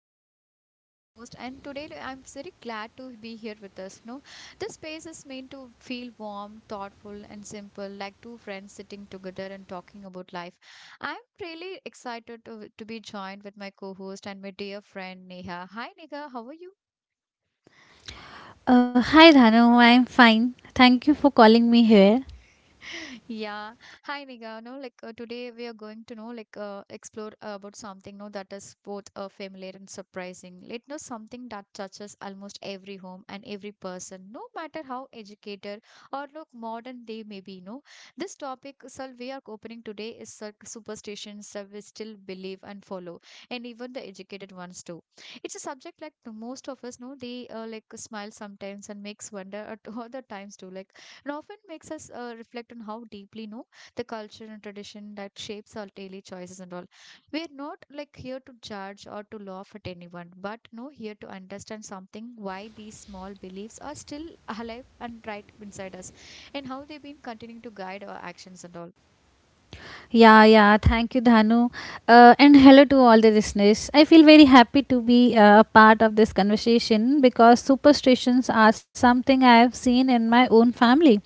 I'm Dano, your host, and today I'm very glad to be here with us. No, this space is meant to feel warm, thoughtful, and simple, like two friends sitting together and talking about life. I'm really excited to be joined with my co-host and my dear friend Neha. Hi Neha, how are you? Hi Dhanu, I'm fine. Thank you for calling me here. Yeah. Hi, Niga. No, like today we are going to know, like, explore about something, no, that is both familiar and surprising. Let know something that touches almost every home and every person, no matter how educated or look modern they may be. No, this topic, sir, we are opening today is superstitions that we still believe and follow, and even the educated ones too. It's a subject like the most of us know. They like smile sometimes and makes wonder at all the times too. Like and often makes us reflect on how deeply the culture and tradition that shapes our daily choices and all. We are not like here to judge or to laugh at anyone, but no, here to understand something why these small beliefs are still alive and right inside us, and how they've been continuing to guide our actions and all. Yeah, yeah. Thank you, Dhanu. And hello to all the listeners. I feel very happy to be a part of this conversation because superstitions are something I have seen in my own family,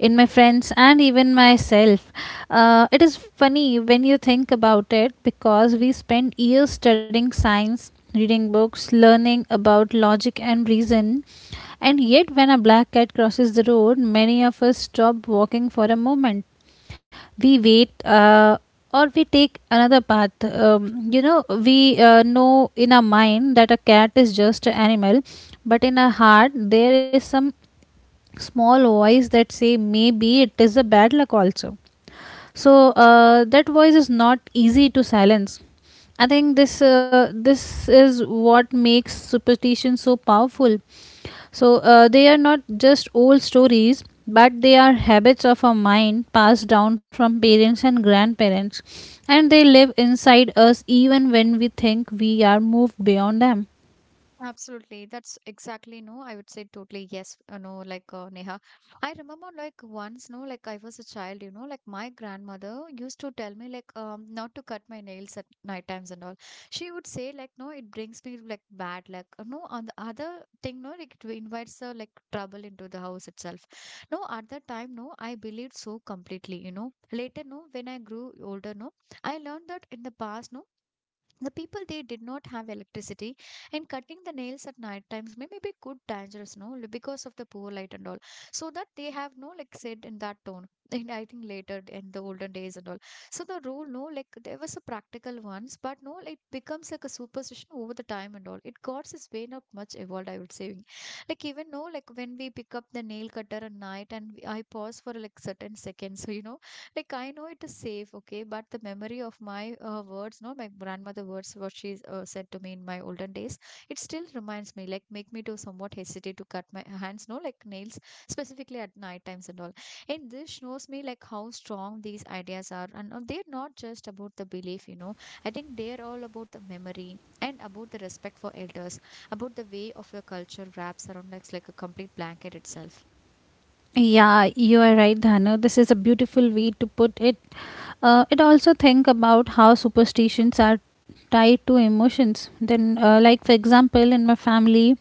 in my friends, and even myself. It is funny when you think about it because we spend years studying science, reading books, learning about logic and reason. And yet, when a black cat crosses the road, many of us stop walking for a moment. We wait, or we take another path. You know, we know in our mind that a cat is just an animal, but in our heart there is some small voice that say maybe it is a bad luck also. So that voice is not easy to silence. I think this is what makes superstition so powerful. So they are not just old stories, but they are habits of our mind passed down from parents and grandparents, and they live inside us even when we think we are moved beyond them. Absolutely. That's exactly no. I would say totally yes. No, like Neha. I remember like once, no, like I was a child, you know, like my grandmother used to tell me like not to cut my nails at night times and all. She would say like no, it brings me like bad luck. No, on the other thing, no, like it invites like trouble into the house itself. No, at that time, no, I believed so completely, you know. Later, no, when I grew older, no, I learned that in the past, no the people they did not have electricity, and cutting the nails at night times may be good dangerous, no, because of the poor light and all. So that they have no like said in that tone. And I think later in the olden days and all. So the rule, no, like there was a practical ones, but no, it becomes like a superstition over the time and all. It got its way not much evolved, I would say. Like even no, like when we pick up the nail cutter at night and I pause for like certain seconds, so you know like I know it is safe. Okay, but the memory of my words no my grandmother words what she said to me in my olden days, it still reminds me like make me to somewhat hesitate to cut my hands no like nails specifically at night times and all. And this shows me like how strong these ideas are, and they're not just about the belief. I think they're all about the memory and about the respect for elders, about the way of your culture wraps around like a complete blanket itself. Yeah, you are right, Dhanu. This is a beautiful way to put it. It also think about how superstitions are tied to emotions. Then, like for example, in my family,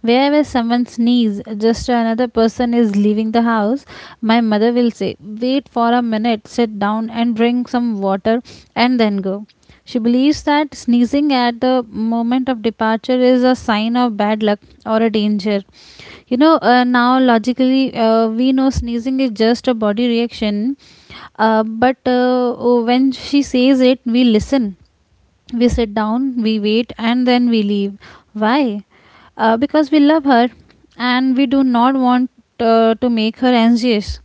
wherever someone sneezes, just another person is leaving the house, my mother will say, "Wait for a minute, sit down and drink some water, and then go." She believes that sneezing at the moment of departure is a sign of bad luck or a danger. You know, now logically, we know sneezing is just a body reaction, but when she says it, we listen. We sit down, we wait, and then we leave. Why? Because we love her and we do not want to make her anxious.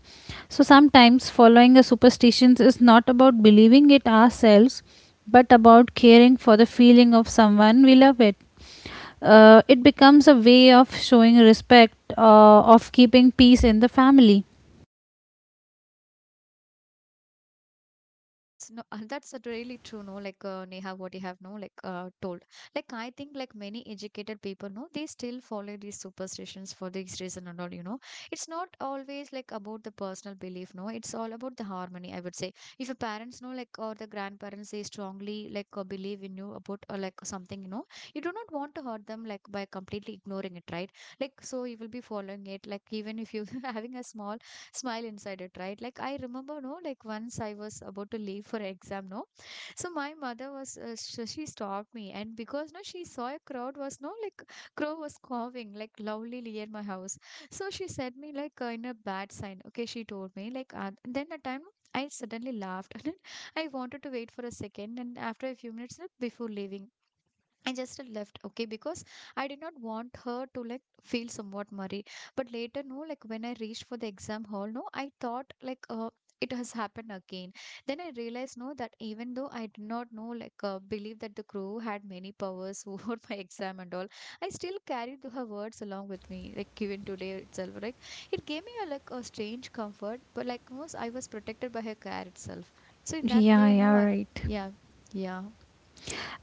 So sometimes following a superstition is not about believing it ourselves but about caring for the feeling of someone we love it. It becomes a way of showing respect, of keeping peace in the family. That's no, that's really true. No, like Neha, what you have no, like told. Like I think, like many educated people, no, they still follow these superstitions for this reason and all. You know, it's not always like about the personal belief. No, it's all about the harmony. I would say, if your parents know, like or the grandparents, they strongly like believe in you about like something. You know, you do not want to hurt them like by completely ignoring it, right? Like so, you will be following it. Like even if you having a small smile inside it, right? Like I remember, no, like once I was about to leave for exam, no. So my mother was, she stopped me, and because no, she saw a crowd was no, like crow was cawing like loudly near my house. So she said me like in a bad sign. Okay, she told me like then at time. I suddenly laughed and I wanted to wait for a second, and after a few minutes before leaving I just left, okay, because I did not want her to like feel somewhat worried. But later, no, like when I reached for the exam hall, no, I thought like it has happened again. Then I realized, no, that even though I did not know, like believe that the crew had many powers over my exam and all, I still carried her words along with me, like even today itself. Like it gave me a like a strange comfort, but like most, I was protected by her care itself. So in that Yeah, way, you yeah, know, I right. yeah, yeah.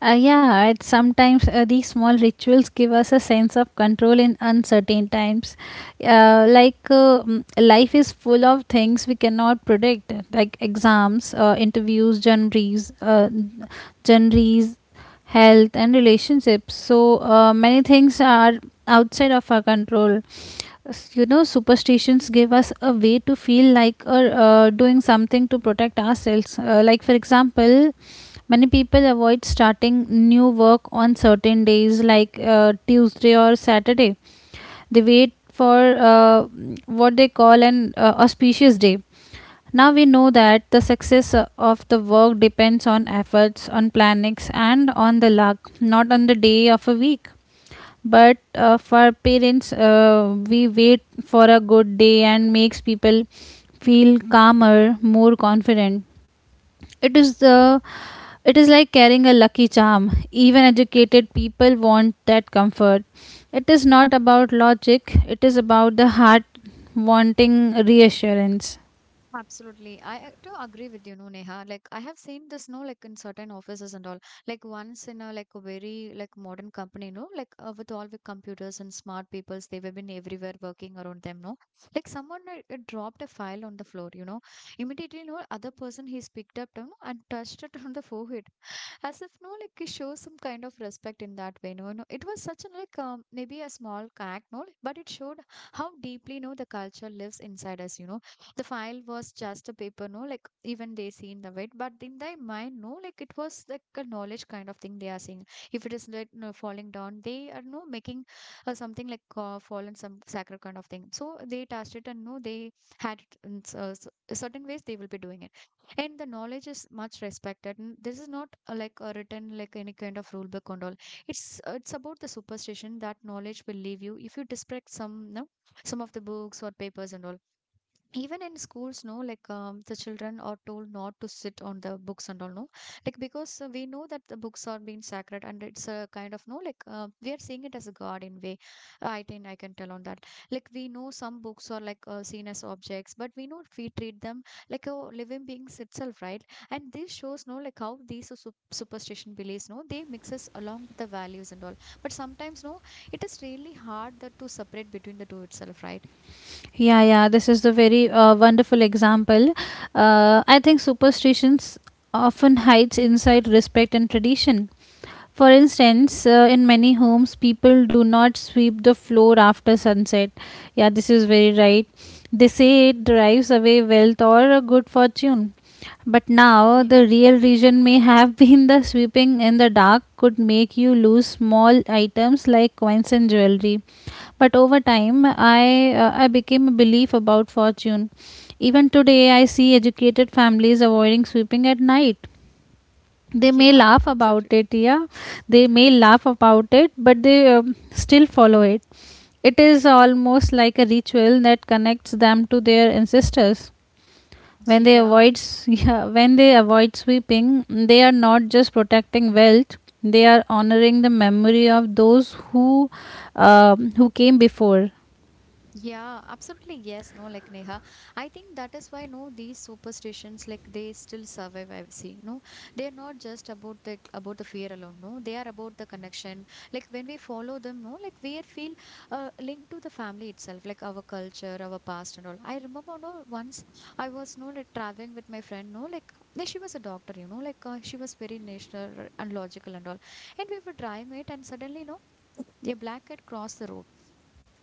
Yeah, and sometimes these small rituals give us a sense of control in uncertain times. Life is full of things we cannot predict, like exams, interviews, journeys, health, and relationships. So many things are outside of our control. You know, superstitions give us a way to feel like or doing something to protect ourselves. Like for example, many people avoid starting new work on certain days like tuesday or saturday. They wait for what they call an auspicious day. Now we know that the success of the work depends on efforts, on plannings, and on the luck, not on the day of a week. But for parents, we wait for a good day and makes people feel calmer, more confident. it is the it is like carrying a lucky charm. Even educated people want that comfort. It is not about logic, it is about the heart wanting reassurance. Absolutely. I do agree with you, no, Neha. Like I have seen this, no, like in certain offices and all. Like once in a like a very like modern company, no, like with all the computers and smart peoples, they were been everywhere working around them, no. Like someone dropped a file on the floor, you know. Immediately, no, other person he's picked up, you know, and touched it on the forehead, as if no, like he shows some kind of respect in that way, no, no. It was such a like maybe a small act, no, but it showed how deeply, no, the culture lives inside us, you know the file was just a paper no like even they see in the weight, but in their mind no like it was like a knowledge kind of thing they are seeing. If it is like no, falling down they are no making something like fallen some sacred kind of thing, so they touched it and no they had it in certain ways they will be doing it. And the knowledge is much respected. This is not like a written like any kind of rule book and all. It's it's about the superstition that knowledge will leave you if you disrespect some no, some of the books or papers and all. Even in schools no like the children are told not to sit on the books and all no, like because we know that the books are being sacred, and it's a kind of no like we are seeing it as a god in way. I think I can tell on that. Like we know some books are like seen as objects, but we know we treat them like a living beings itself, right? And this shows no like how these are superstition beliefs no they mixes along with the values and all. But sometimes no it is really hard that to separate between the two itself, right? Yeah, yeah, this is the very wonderful example. I think superstitions often hides inside respect and tradition. For instance, in many homes, people do not sweep the floor after sunset. Yeah, this is very right. They say it drives away wealth or good fortune. But now, the real reason may have been the sweeping in the dark could make you lose small items like coins and jewelry. But over time, I became a belief about fortune. Even today, I see educated families avoiding sweeping at night. They Yeah, may yeah, laugh absolutely. about it. Yeah, they may laugh about it, but they still follow it. It is almost like a ritual that connects them to their ancestors. When they Yeah, yeah, when they avoid sweeping, they are not just protecting wealth, they are honoring the memory of those who came before. yeah, absolutely. Yes, no, like Neha. I think that is why, no, these superstitions, like they still survive. I see, no, they're not just about the fear alone. No, they are about the connection. Like when we follow them, no, like we are feel linked to the family itself, like our culture, our past, and all. I remember, no, once I was, no, like traveling with my friend, no, like she was a doctor, you know, like she was very national and logical and all, and we were driving it, and suddenly, no, a black cat crossed the road.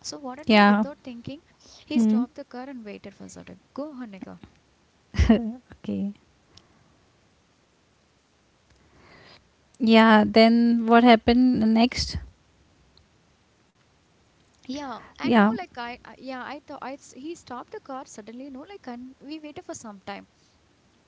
So what I know, Yeah. without thinking, he Hmm. stopped the car and waited for certain. Go, Hanika. Okay. Yeah, then what happened next? Yeah, and no, Yeah, like I yeah, I thought he stopped the car suddenly. No, like and we waited for some time.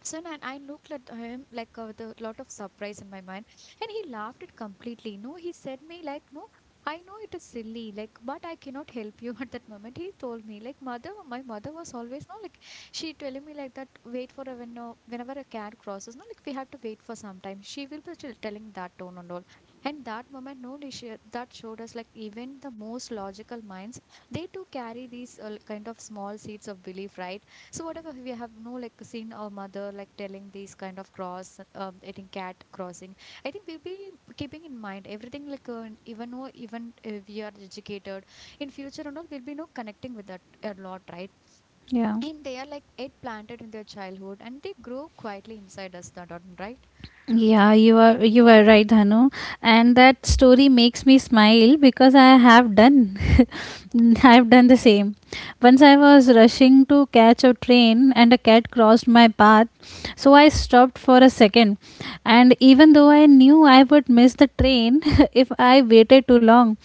So then I looked at him like with a lot of surprise in my mind, and he laughed it completely. No, he said me like, no, I know it is silly, like, but I cannot help you at that moment. He told me like, mother, my mother was always no like, she telling me like that. Wait for a when whenever a cat crosses, no like we have to wait for some time. She will be still telling that tone and all. And that moment, no, like, she, that showed us like even the most logical minds, they too carry these kind of small seeds of belief, right? So whatever we have no like seen our mother like telling these kind of cross, I think cat crossing. I think we'll be keeping in mind everything like even though even we are educated in future and all we'll be no connecting with that a lot, right? yeah. And they are like it planted in their childhood and they grow quietly inside us, not right? Yeah, you are, you are right, Hanu. And that story makes me smile because I have done I have done the same. Once I was rushing to catch a train and a cat crossed my path, so I stopped for a second. And even though I knew I would miss the train if I waited too long,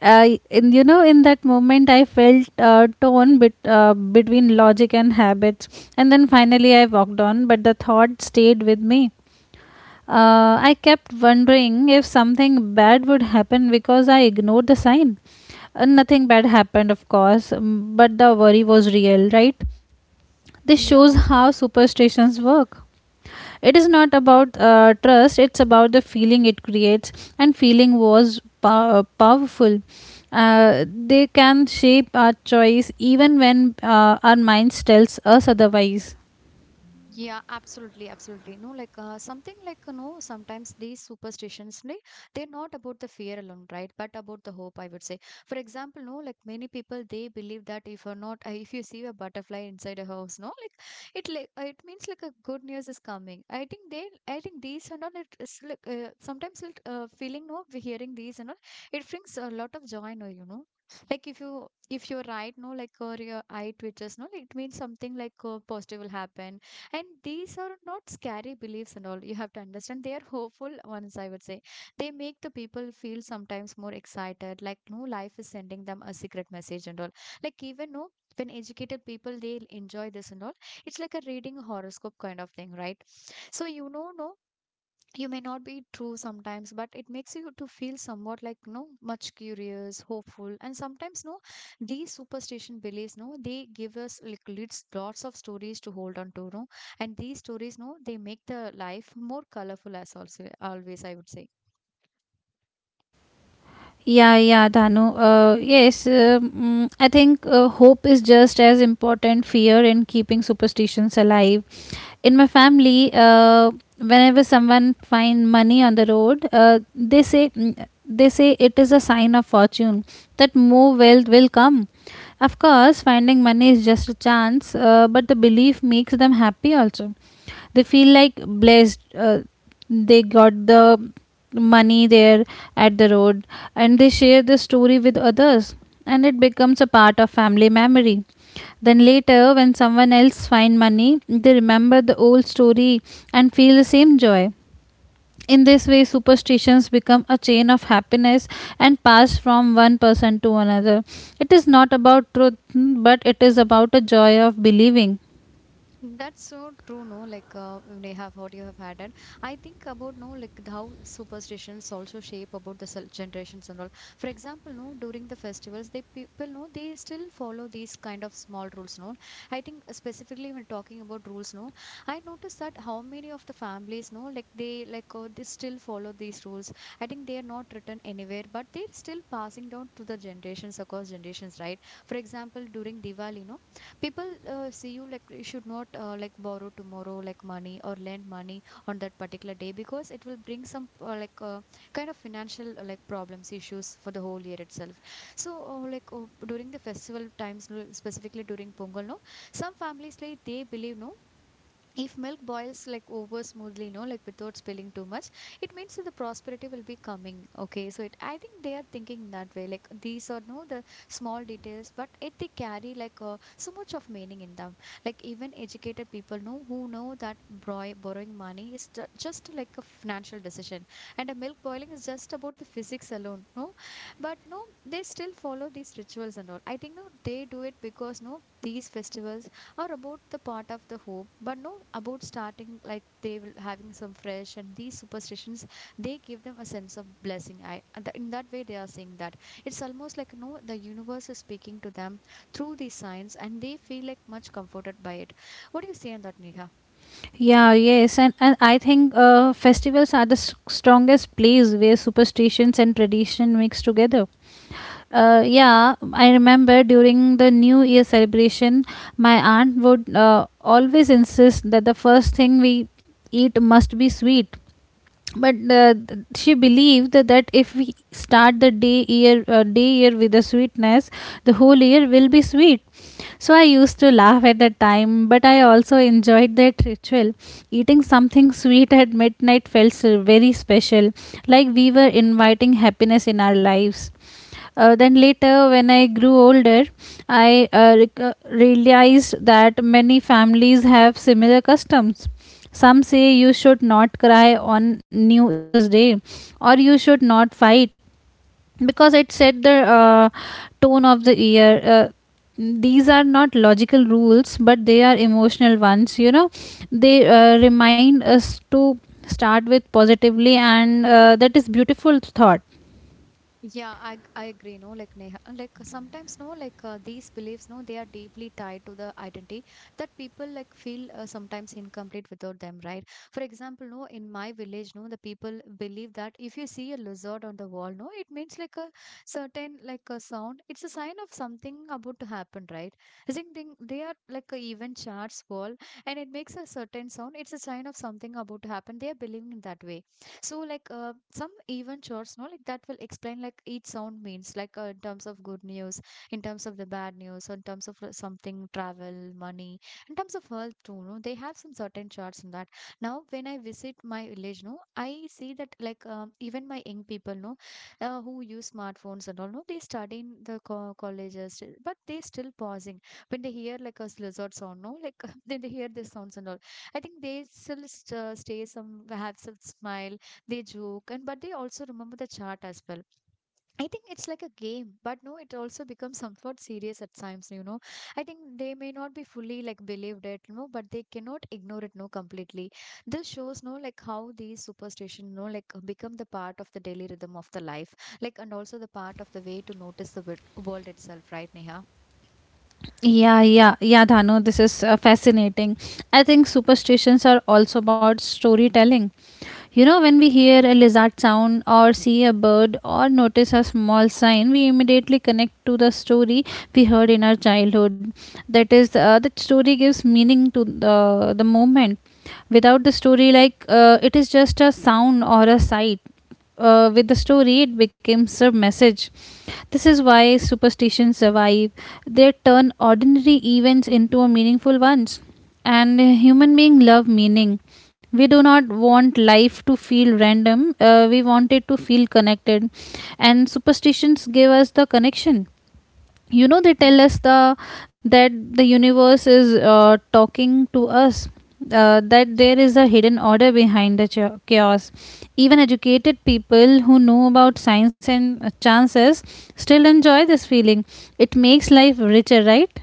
I in you know, in that moment I felt torn between logic and habits, and then finally I walked on, but the thought stayed with me. I kept wondering if something bad would happen because I ignored the sign. Nothing bad happened, of course, but the worry was real, right? This shows Yeah, how superstitions work. It is not about trust, it's about the feeling it creates, and feeling was powerful. They can shape our choice even when our minds tells us otherwise. yeah, absolutely, absolutely. No, like something like sometimes these superstitions, they're not about the fear alone, right? But about the hope, I would say. For example, no, like many people, they believe that if you're not, if you see a butterfly inside a house, no, like it means like a good news is coming. I think these and all, it is like sometimes it feeling no, we hearing these and all, it brings a lot of joy, no. Like if you're right, no, like or your eye twitches, no, like, it means something like positive will happen, and these are not scary beliefs and all. You have to understand they are hopeful ones, I would say. They make the people feel sometimes more excited, like no life is sending them a secret message and all. Like even no when educated people they'll enjoy this and all. It's like a reading horoscope kind of thing, right? So no you may not be true sometimes, but it makes you to feel somewhat like no much curious hopeful, and sometimes no these superstition beliefs no they give us like leads lots of stories to hold on to no, and these stories no they make the life more colorful as also always, I would say. Yeah, yeah, Dhanu. Yes, I think hope is just as important fear in keeping superstitions alive in my family. Whenever someone find money on the road, they say it is a sign of fortune, that more wealth will come. Of course finding money is just a chance, but the belief makes them happy also. They feel like blessed. They got the money there at the road, and they share the story with others, and it becomes a part of family memory. Then later, when someone else finds money, they remember the old story and feel the same joy. In this way, superstitions become a chain of happiness and pass from one person to another. It is not about truth, but it is about a joy of believing. That's so true, no? Like, Neha, what you have added. I think about, no, like how superstitions also shape about the generations and all. For example, no, during the festivals, they people, no, they still follow these kind of small rules, no? I think specifically when talking about rules, no, I noticed that how many of the families, no, like they still follow these rules. I think they are not written anywhere, but they're still passing down to the generations across generations, right? For example, during Diwali, no people see you like you should not like borrow tomorrow like money or lend money on that particular day, because it will bring some kind of financial like problems issues for the whole year itself. So during the festival times no, specifically during pongal no some families like they believe no if milk boils like over smoothly, like without spilling too much, it means that the prosperity will be coming, okay? So it, I think they are thinking that way, like these are no the small details, but it they carry like so much of meaning in them. Like even educated people know who know that borrowing money is just like a financial decision, and a milk boiling is just about the physics alone no. But no they still follow these rituals and all. I think no they do it because no these festivals or about the part of the hope, but no, about starting like they will having some fresh, and these superstitions they give them a sense of blessing. In that way they are saying that it's almost like no the universe is speaking to them through these signs, and they feel like much comforted by it. What do you say on that, neha? Yeah, yes, and I think festivals are the strongest place where superstitions and tradition mix together. Yeah, I remember during the New Year celebration, my aunt would always insist that the first thing we eat must be sweet, but she believed that if we start the day year with a sweetness, the whole year will be sweet. So I used to laugh at that time, but I also enjoyed that ritual. Eating something sweet at midnight felt so very special, like we were inviting happiness in our lives. Then later when I grew older, I realized that many families have similar customs. Some say you should not cry on New Year's Day, or you should not fight, because it set the tone of the year. These are not logical rules, but they are emotional ones. You know, they remind us to start with positively, and that is beautiful thought. Yeah, I agree. No, like Neha, like sometimes no, like these beliefs, no, they are deeply tied to the identity that people like feel sometimes incomplete without them, right? For example, no, in my village, no, the people believe that if you see a lizard on the wall, no, it means like a certain like a sound. It's a sign of something about to happen, right? I think they are like a even charts wall, and it makes a certain sound. It's a sign of something about to happen. They are believing in that way. So like some even charts, no, like that will explain like each sound means, like in terms of good news, in terms of the bad news, or in terms of something travel, money, in terms of health too. No, they have some certain charts in that. Now when I visit my village, no, I see that like even my young people, no, who use smartphones and all, no, they study in the colleges, but they still pausing when they hear like a lizard sound, no, like then they hear the sounds and all. I think they still stay some have some smile. They joke and but they also remember the chart as well. I think it's like a game, but no it also becomes somewhat serious at times, you know. I think they may not be fully like believed it, you know, but they cannot ignore it no completely. This shows no like how these superstition no like become the part of the daily rhythm of the life, like and also the part of the way to notice the world itself, right, neha? Yeah, yeah, yeah, Dhanu, this is fascinating. I think superstitions are also about storytelling. You know, when we hear a lizard sound or see a bird or notice a small sign, we immediately connect to the story we heard in our childhood. That is, the story gives meaning to the moment. Without the story, it is just a sound or a sight. With the story, it becomes a message. This is why superstitions survive. They turn ordinary events into meaningful ones. And human beings love meaning. We do not want life to feel random. We want it to feel connected. And superstitions give us the connection. You know, they tell us the that the universe is talking to us, that there is a hidden order behind the chaos. Even educated people who know about science and chances still enjoy this feeling. It makes life richer, right?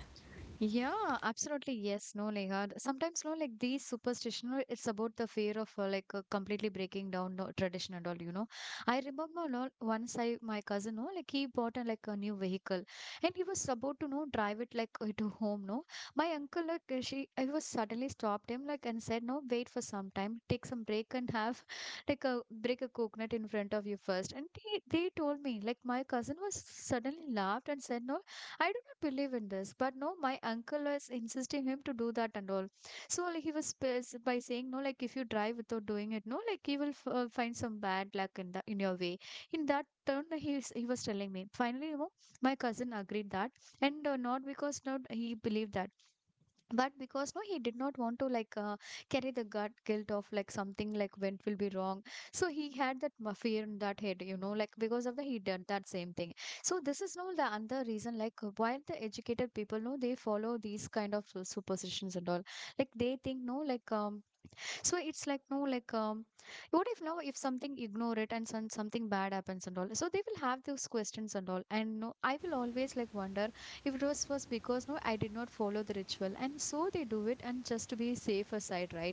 Yeah, absolutely. Yes, no, like sometimes, no, like these superstition, no, it's about the fear of completely breaking down no, tradition and all. I remember no, once my cousin, no, like he bought a, like a new vehicle, and he was about to, no, drive it like to home, no. My uncle, like, I was suddenly stopped him, like, and said, no, wait for some time, take some break and have like a break a coconut in front of you first. And they told me, like, my cousin was suddenly laughed and said, no. I do not believe in this, but no, my uncle was insisting him to do that and all. So like, he was by saying no, like if you drive without doing it, no, like you will find some bad luck in the in your way. In that turn, he was telling me. Finally, my cousin agreed that, and not because not he believed that, but because no he did not want to like carry the gut guilt of like something like went will be wrong. So he had that fear in that head, like because of the he did that same thing. So this is no the another reason like why the educated people know they follow these kind of superstitions and all. Like they think no like so it's like no like what if now if something ignore it and some, something bad happens and all, so they will have those questions and all, and no I will always like wonder if it was because no I did not follow the ritual, and so they do it and just to be safer side, right?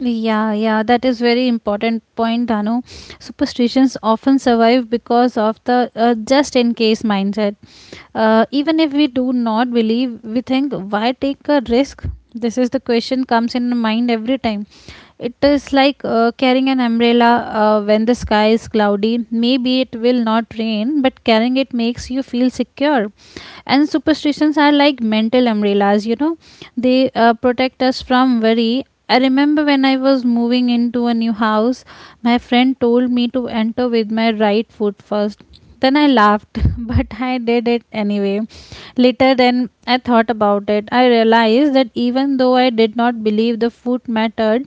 Yeah, yeah, that is very important point, Danu. Superstitions often survive because of the just in case mindset. Even if we do not believe, we think, why take a risk? This is the question comes in mind every time. It is like carrying an umbrella when the sky is cloudy. Maybe it will not rain, but carrying it makes you feel secure. And superstitions are like mental umbrellas. You know, they protect us from worry. I remember when I was moving into a new house, my friend told me to enter with my right foot first. Then I laughed but I did it anyway. Later then I thought about it, I realized that even though I did not believe the foot mattered,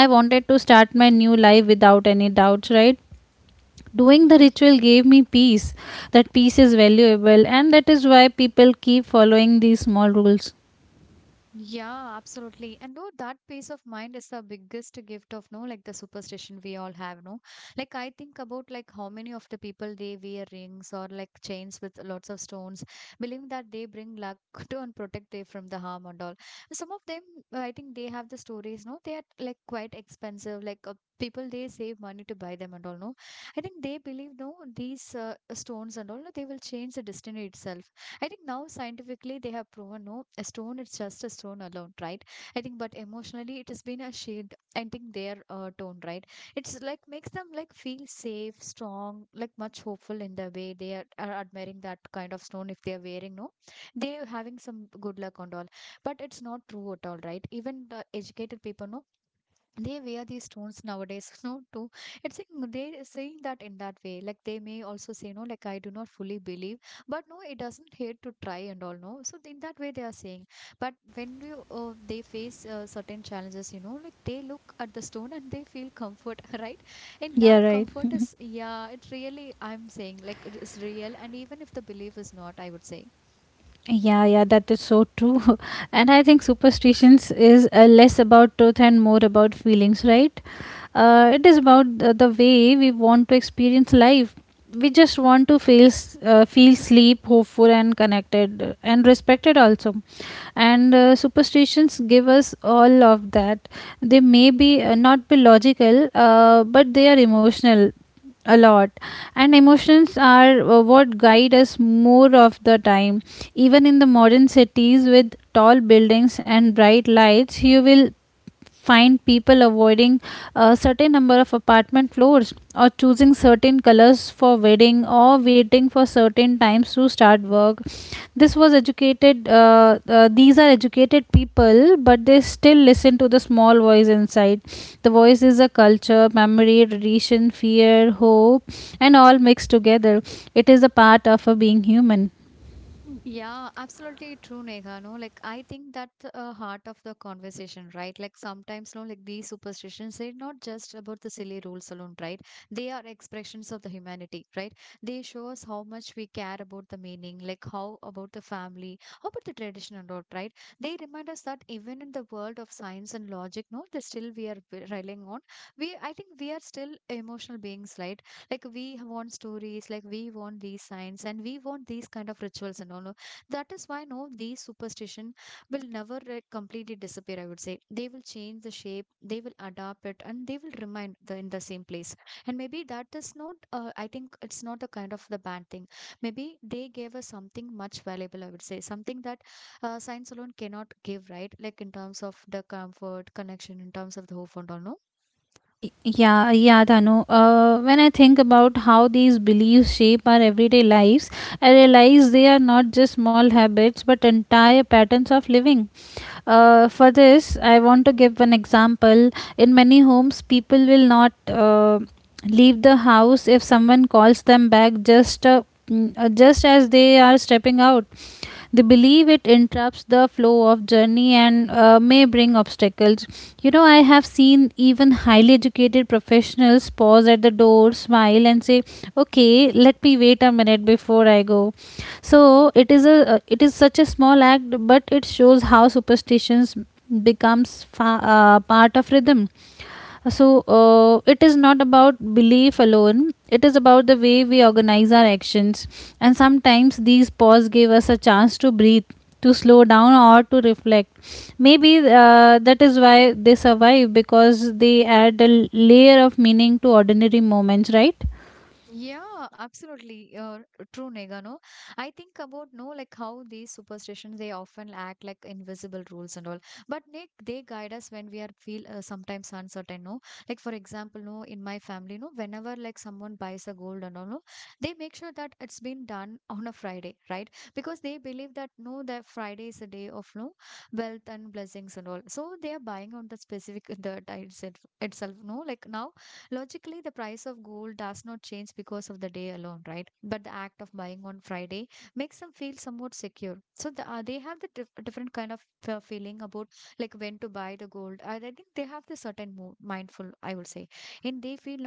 I wanted to start my new life without any doubts, right? Doing the ritual gave me peace. That peace is valuable, and that is why people keep following these small rules. Yeah, absolutely. And no, that peace of mind is the biggest gift of no, like the superstition we all have, no. Like I think about like how many of the people they wear rings or like chains with lots of stones, believing that they bring luck to and protect they from the harm and all. Some of them, I think they have the stories, no. They are like quite expensive, like. People they save money to buy them and all no. I think they believe no these stones and all no, they will change the destiny itself. I think now scientifically they have proven no, a stone is just a stone alone, right? I think, but emotionally it has been a shield. I think their tone, right? It's like makes them like feel safe, strong, like much hopeful in the way they are admiring that kind of stone if they are wearing. No, they are having some good luck and all, but it's not true at all, right? Even the educated people, no, they wear these stones nowadays no. Too it's like they saying that in that way, like they may also say no like I do not fully believe, but no it doesn't hurt to try and all no. So in that way they are saying, but when you they face certain challenges, you know, like they look at the stone and they feel comfort right? And that Yeah, right. comfort is, yeah, it really I'm saying like it is real, and even if the belief is not, I would say. Yeah, yeah, that is so true. And I think superstitions is less about truth and more about feelings, right? It is about the way we want to experience life. We just want to feel feel sleep, hopeful, and connected, and respected also. And Superstitions give us all of that. They may be not be logical, but they are emotional a lot, and emotions are what guide us more of the time. Even in the modern cities with tall buildings and bright lights, you will find people avoiding a certain number of apartment floors, or choosing certain colors for wedding, or waiting for certain times to start work. This was educated these are educated people, but they still listen to the small voice inside. The voice is a culture memory tradition fear hope and all mixed together. It is a part of a being human. Yeah, absolutely true, Neha. No, like I think that's a heart of the conversation, right? Like sometimes, no, like these superstitions, they're not just about the silly rules alone, right? They are expressions of the humanity, right? They show us how much we care about the meaning, like how about the family, how about the tradition and all, right? They remind us that even in the world of science and logic, no, they still we are relying on. I think we are still emotional beings, right? Like we want stories, like we want these signs, and we want these kind of rituals and all, no? That is why, no, these superstition will never, like, completely disappear. I would say they will change the shape, they will adapt it, and they will remain the, in the same place. And maybe that is not I think it's not the kind of the bad thing. Maybe they gave us something much valuable, I would say, something that science alone cannot give, right? Like in terms of the comfort connection, in terms of the hope and all, no? Y- Yeah, yeah, Danu. When I think about how these beliefs shape our everyday lives, I realize they are not just small habits but entire patterns of living. For this, I want to give an example. In many homes, people will not leave the house if someone calls them back just just as they are stepping out. They believe it interrupts the flow of journey and may bring obstacles. You know, I have seen even highly educated professionals pause at the door, smile, and say, "Okay, let me wait a minute before I go." So it is a it is such a small act, but it shows how superstitions becomes part of rhythm. So it is not about belief alone, it is about the way we organize our actions. And sometimes these pause give us a chance to breathe, to slow down or to reflect. Maybe that is why they survive, because they add a layer of meaning to ordinary moments, right? Yeah, absolutely. True, Nega, no? I think about, no, like how these superstitions, they often act like invisible rules and all. But Nick, they guide us when we are feel sometimes uncertain, no? Like, for example, no, in my family, no, whenever like someone buys a gold and all, no, they make sure that it's been done on a Friday, right? Because they believe that, no, that Friday is a day of, no, wealth and blessings and all. So they are buying on the specific, the itself, itself, no? Like now, logically, the price of gold does not change because of the day alone, right? But the act of buying on Friday makes them feel somewhat secure. So they have the different kind of feeling about like when to buy the gold. I think they have the certain mindful, I would say, and they feel no,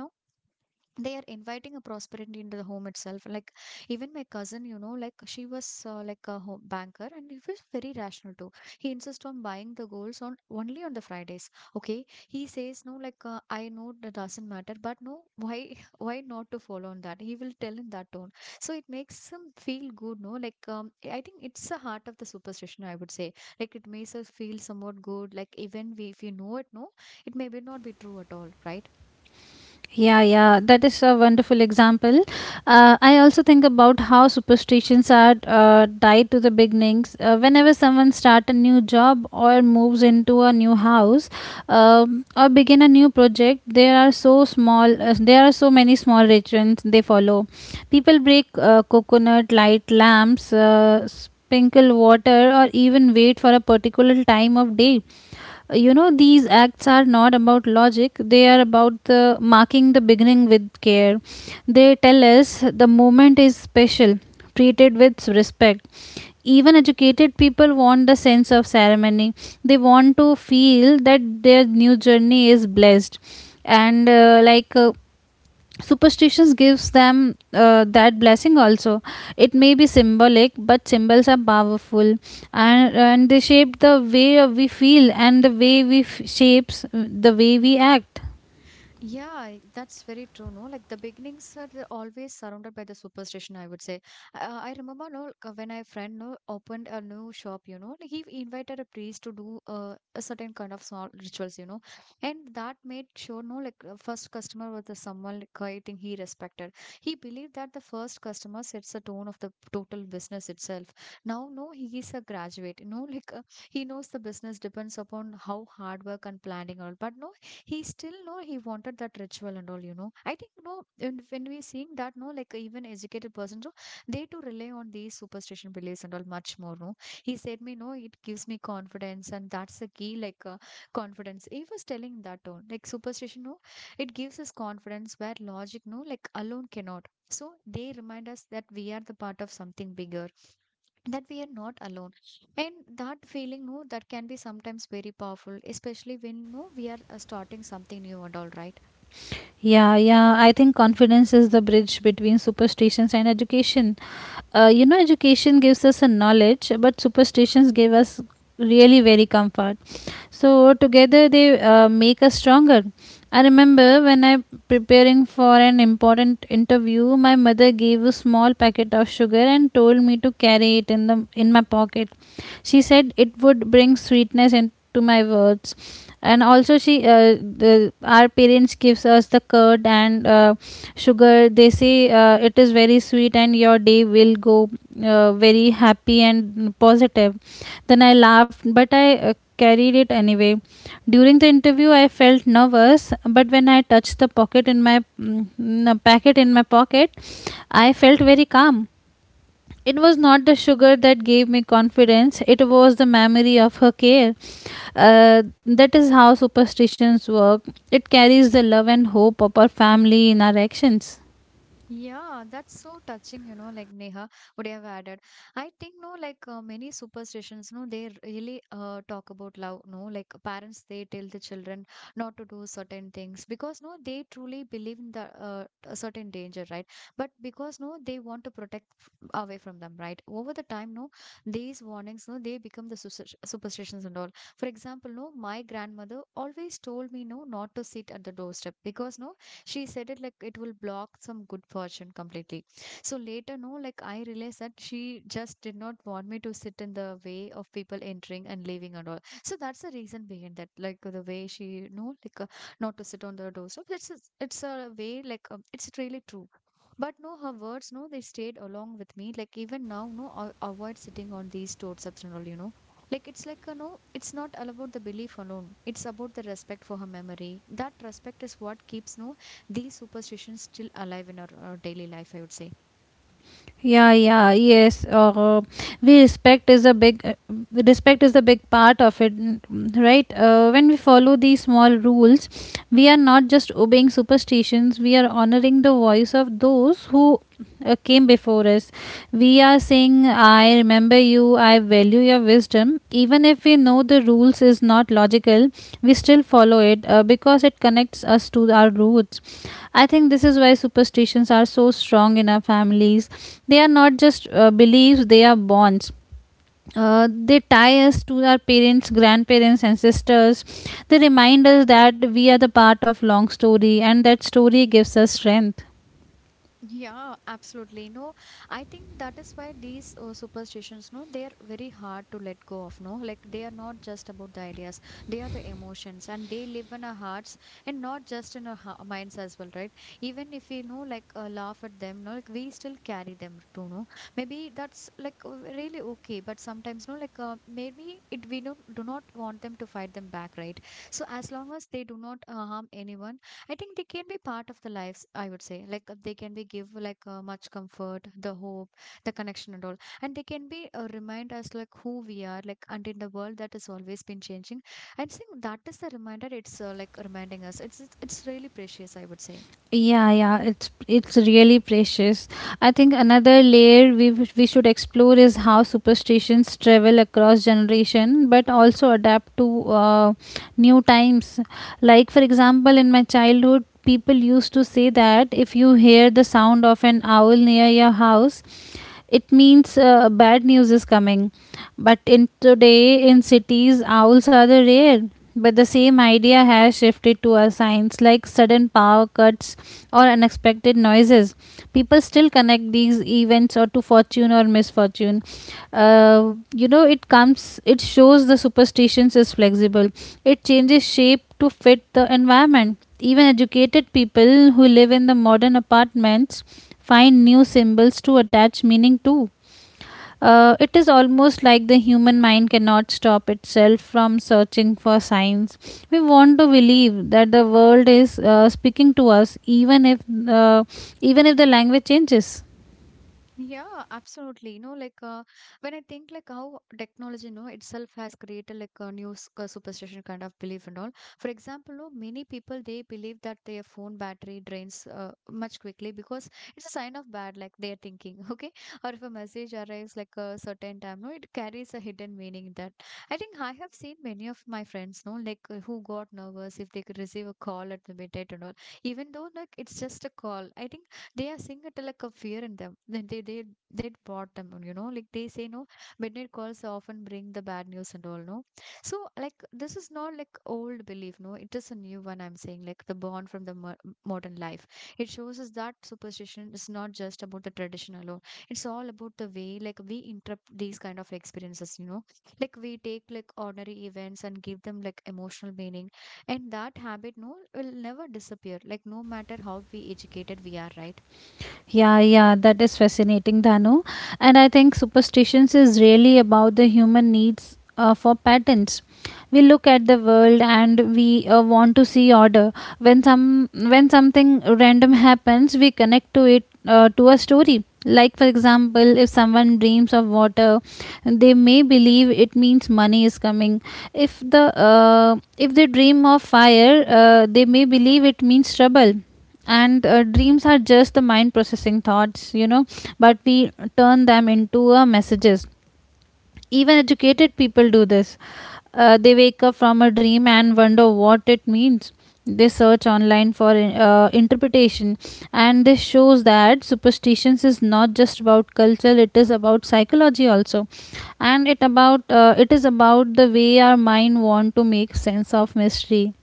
they are inviting a prosperity into the home itself. Like even my cousin, you know, like she was like a home banker, and he was very rational too. He insists on buying the golds on only on the Fridays. Okay, he says, no, like I know that doesn't matter, but no, why why not to follow on that, he will tell in that tone. So it makes him feel good, no, like I think it's the heart of the superstition, I would say. Like it makes us feel somewhat good, like even we, if you know it, no, it may be not be true at all, right? Yeah, yeah, that is a wonderful example. I also think about how superstitions are tied to the beginnings. Whenever someone starts a new job or moves into a new house, or begin a new project, there are there are so many small rituals they follow. People break coconut, light lamps, sprinkle water, or even wait for a particular time of day. You know, these acts are not about logic, they are about the marking the beginning with care. They tell us the moment is special, treated with respect. Even educated people want the sense of ceremony. They want to feel that their new journey is blessed. And like Superstitions gives them that blessing also. It may be symbolic, but symbols are powerful. And they shape the way we feel and the way we f- shapes the way we act. Yeah, that's very true. No, like the beginnings are always surrounded by the superstition, I would say. I remember, no, like, when my friend no opened a new shop. You know, like, he invited a priest to do a certain kind of small rituals. You know, and that made sure, no, like first customer was the someone like, I think he respected. He believed that the first customer sets the tone of the total business itself. Now, no, he is a graduate. You know, like he knows the business depends upon how hard work and planning all. But no, he still know he wanted that ritual and all, you know. I think no, and when we seeing that, no, like even educated persons, so they too rely on these superstition beliefs and all much more, no. He said me, no, it gives me confidence, and that's the key, like confidence, he was telling that tone. Like superstition, no, it gives us confidence where logic, no, like alone cannot. So they remind us that we are the part of something bigger, that we are not alone, and that feeling, no, that can be sometimes very powerful, especially when no we are starting something new and all, right? Yeah, yeah, I think confidence is the bridge between superstitions and education. You know, education gives us a knowledge, but superstitions give us really very comfort. So together they make us stronger. I remember when I preparing for an important interview, my mother gave a small packet of sugar and told me to carry it in the in my pocket. She said it would bring sweetness into my words. And also, our parents gives us the curd and sugar. They say it is very sweet and your day will go very happy and positive. Then I laughed, but I carried it anyway. During the interview, I felt nervous, but when I touched the pocket in my mm, no, packet in my pocket, I felt very calm. It was not the sugar that gave me confidence; it was the memory of her care. Uh, that is how superstitions work. It carries the love and hope of our family in our actions. Yeah, that's so touching, you know, like Neha would have added. I think, no, like many superstitions, no, they really talk about love, no, like parents, they tell the children not to do certain things because, no, they truly believe in the a certain danger, right? But because, no, they want to protect away from them, right? Over the time, no, these warnings, no, they become the superstitions and all. For example, no, my grandmother always told me, no, not to sit at the doorstep because, no, she said it like it will block some good fortune completely. So later, no, like I realized that she just did not want me to sit in the way of people entering and leaving and all. So that's the reason behind that, like the way she, no, like not to sit on the doorstep, it's a way, like it's really true. But no, her words, no, they stayed along with me. Like even now, no, I avoid sitting on these doorsteps and all, you know. Like it's like, no, it's not all about the belief alone. It's about the respect for her memory. That respect is what keeps, no, these superstitions still alive in our, uh, daily life, I would say. Yeah yeah yes we respect is a big respect is a big part of it, right? When we follow these small rules, we are not just obeying superstitions, we are honoring the voice of those who came before us. We are saying, I remember you, I value your wisdom. Even if we know the rules is not logical, we still follow it because it connects us to our roots. I think this is why superstitions are so strong in our families. They are not just beliefs, they are bonds. They tie us to our parents, grandparents, ancestors. They remind us that we are the part of long story, and that story gives us strength. Yeah, absolutely. No, I think that is why these superstitions, no, they are very hard to let go of. No, like they are not just about the ideas, they are the emotions, and they live in our hearts and not just in our minds as well, right? Even if we know, like, laugh at them, no, like we still carry them too. No, maybe that's like really okay, but sometimes, no, like, maybe it we don't do not want them to fight them back, right? So, as long as they do not harm anyone, I think they can be part of the lives, I would say. Like they can be give like much comfort, the hope, the connection and all. And they can be remind us like who we are, like and in the world that has always been changing. I think that is the reminder. It's like reminding us. It's really precious, I would say. Yeah, yeah, it's really precious. I think another layer we should explore is how superstitions travel across generation, but also adapt to new times. Like for example, in my childhood, people used to say that if you hear the sound of an owl near your house, it means bad news is coming. But in today in cities owls are the rare, but the same idea has shifted to our signs like sudden power cuts or unexpected noises. People still connect these events or to fortune or misfortune. You know, it comes, it shows the superstitions is flexible. It changes shape to fit the environment. Even educated people who live in the modern apartments find new symbols to attach meaning to. It is almost like the human mind cannot stop itself from searching for signs. We want to believe that the world is speaking to us, uh, even if the language changes. Yeah, absolutely. You know, like when I think like how technology, you know, itself has created like a new superstition kind of belief and all. For example, no, many people they believe that their phone battery drains much quickly because it's a sign of bad, like they're thinking, okay? Or if a message arrives like a certain time, no, it carries a hidden meaning in that. I think I have seen many of my friends, no, like who got nervous if they could receive a call at the midnight and all. Even though like it's just a call, I think they are seeing a like of fear in them. Then they bought them, you know, like they say, no, midnight calls often bring the bad news and all, no. So like this is not like old belief, no. It is a new one. I'm saying, like the born from the modern life. It shows us that superstition is not just about the tradition alone. It's all about the way like we interpret these kind of experiences, you know. Like we take like ordinary events and give them like emotional meaning, and that habit, no, will never disappear, like no matter how we educated we are, right? Yeah, yeah, that is fascinating, Dhanu. And I think superstitions is really about the human needs for patterns. We look at the world and we want to see order. When something random happens, we connect to it to a story. Like for example, if someone dreams of water, they may believe it means money is coming. If the if they dream of fire, they may believe it means trouble. And dreams are just the mind processing thoughts, you know, but we turn them into messages. Even educated people do this. They wake up from a dream and wonder what it means. They search online for interpretation. And this shows that superstitions is not just about culture, it is about psychology also. And it is about the way our mind want to make sense of mystery.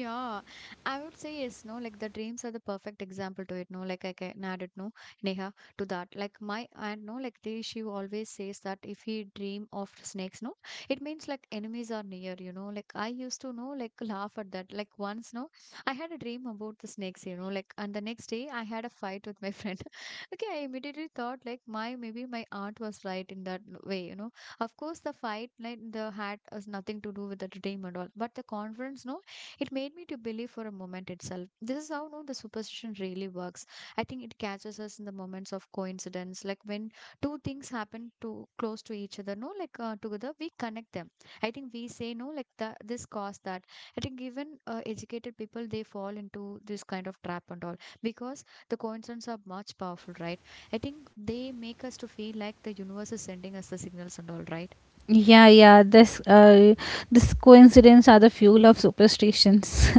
Yeah, I would say yes, no, like the dreams are the perfect example to it, no, like I can add it, no, Neha, to that. Like my aunt, no, like they, she always says that if he dream of snakes, no, it means like enemies are near, you know, like I used to know, like laugh at that. Like once, no, I had a dream about the snakes, you know, like, and the next day I had a fight with my friend. Okay, I immediately thought like my, maybe my aunt was right in that way, you know. Of course, the fight, like the hat has nothing to do with the dream at all, but the conference, no, it made me to believe for a moment itself. This is how no the superstition really works. I think it catches us in the moments of coincidence, like when two things happen to close to each other, no, like together we connect them. I think we say, no, like the, this caused that. I think even educated people they fall into this kind of trap and all, because the coincidences are much powerful, right? I think they make us to feel like the universe is sending us the signals and all, right? Yeah, yeah, this coincidence are the fuel of superstitions.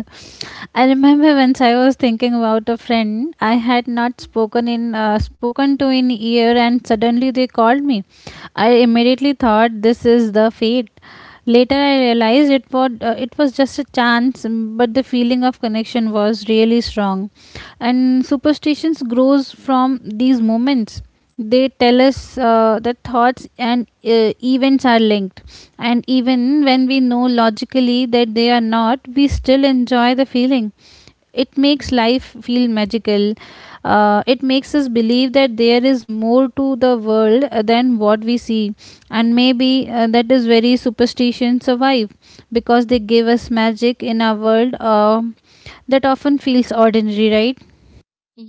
I remember once I was thinking about a friend I had not spoken to in year, and suddenly they called me. I immediately thought this is the fate. Later, I realized it was it was just a chance, but the feeling of connection was really strong. And superstitions grows from these moments. They tell us that thoughts and events are linked, and even when we know logically that they are not, we still enjoy the feeling. It makes life feel magical. It makes us believe that there is more to the world than what we see. And maybe that is very superstition survive, because they give us magic in a world that often feels ordinary, right?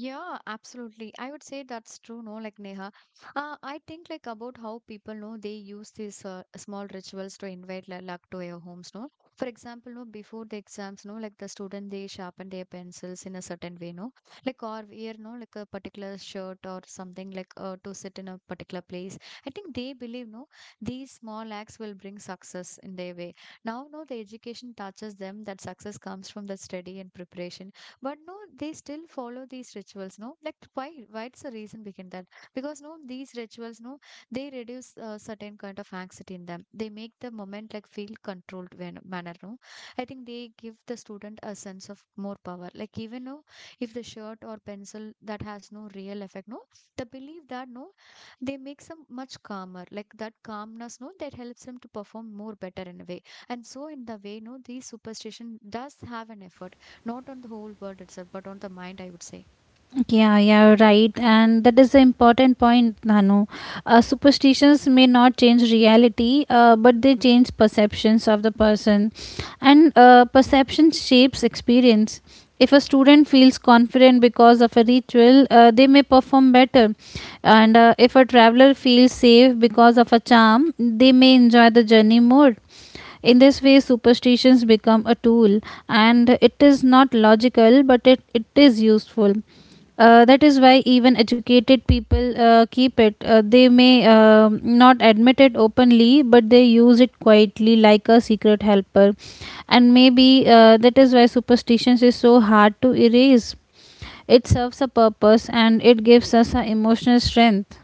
Yeah, absolutely. I would say that's true, no, like Neha. I think like about how people know they use these small rituals to invite luck to their homes, no. For example, no, before the exams, no, like the student they sharpen their pencils in a certain way, no, like or wear no, like a particular shirt or something like to sit in a particular place. I think they believe no, these small acts will bring success in their way. Now, no, the education touches them that success comes from the study and preparation but no they still follow these rituals no like why, what's the reason behind that? Because no these rituals no they reduce a certain kind of anxiety in them, they make the moment like feel controlled when, manner no. I think they give the student a sense of more power, like even no, if the shirt or pencil that has no real effect no, the belief that no, they make some much calmer, like that calmness no that helps them to perform more better in a way. And so in the way no these superstition does have an effort, not on the whole world itself but on the mind, I would say. Yeah, yeah, right. And that is the important point, Nanu. Superstitions may not change reality, but they change perceptions of the person. And perception shapes experience. If a student feels confident because of a ritual, they may perform better. And if a traveler feels safe because of a charm, they may enjoy the journey more. In this way, superstitions become a tool, and it is not logical, but it is useful. That is why even educated people keep it. They may not admit it openly, but they use it quietly like a secret helper. And maybe that is why superstitions is so hard to erase. It serves a purpose and it gives us a emotional strength.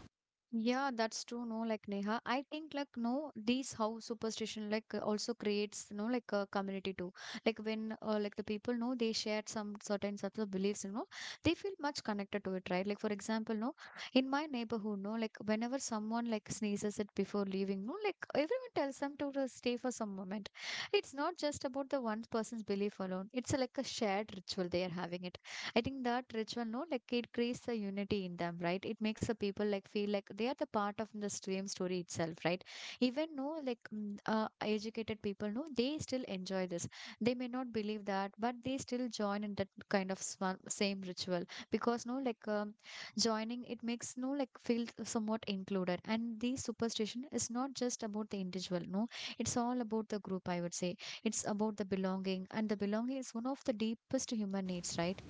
Yeah, that's true, no, like Neha, I think like no these how superstition like also creates you know like a community too, like when like the people know they shared some certain sets of beliefs, you know, they feel much connected to it, right? Like for example no, in my neighborhood no, like whenever someone like sneezes it before leaving no, like everyone tells them to just stay for some moment. It's not just about the one person's belief alone, it's like a shared ritual they are having it. I think that ritual, no, like it creates the unity in them, right? It makes the people like feel like they are the part of the stream story itself, right? Even no, like educated people, no, they still enjoy this. They may not believe that, but they still join in that kind of same ritual because no, like joining it makes no like feel somewhat included. And the superstition is not just about the individual, no, it's all about the group. I would say it's about the belonging, and the belonging is one of the deepest human needs, right?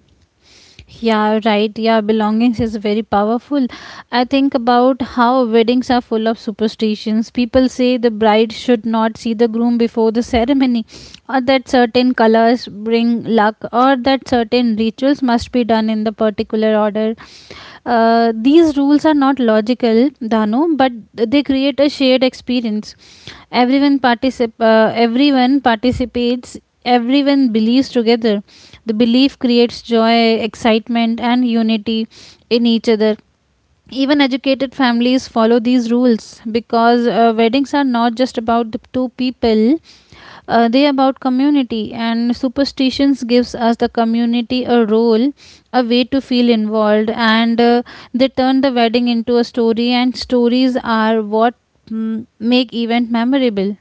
Yeah, right. Yeah, belongings is very powerful. I think about how weddings are full of superstitions. People say the bride should not see the groom before the ceremony, or that certain colors bring luck, or that certain rituals must be done in the particular order. These rules are not logical, Dano, but they create a shared experience. Everyone participates, everyone believes together. The belief creates joy, excitement and unity in each other. Even educated families follow these rules, because weddings are not just about the two people, they are about community. And superstitions gives us the community a role, a way to feel involved. And they turn the wedding into a story, and stories are what make event memorable.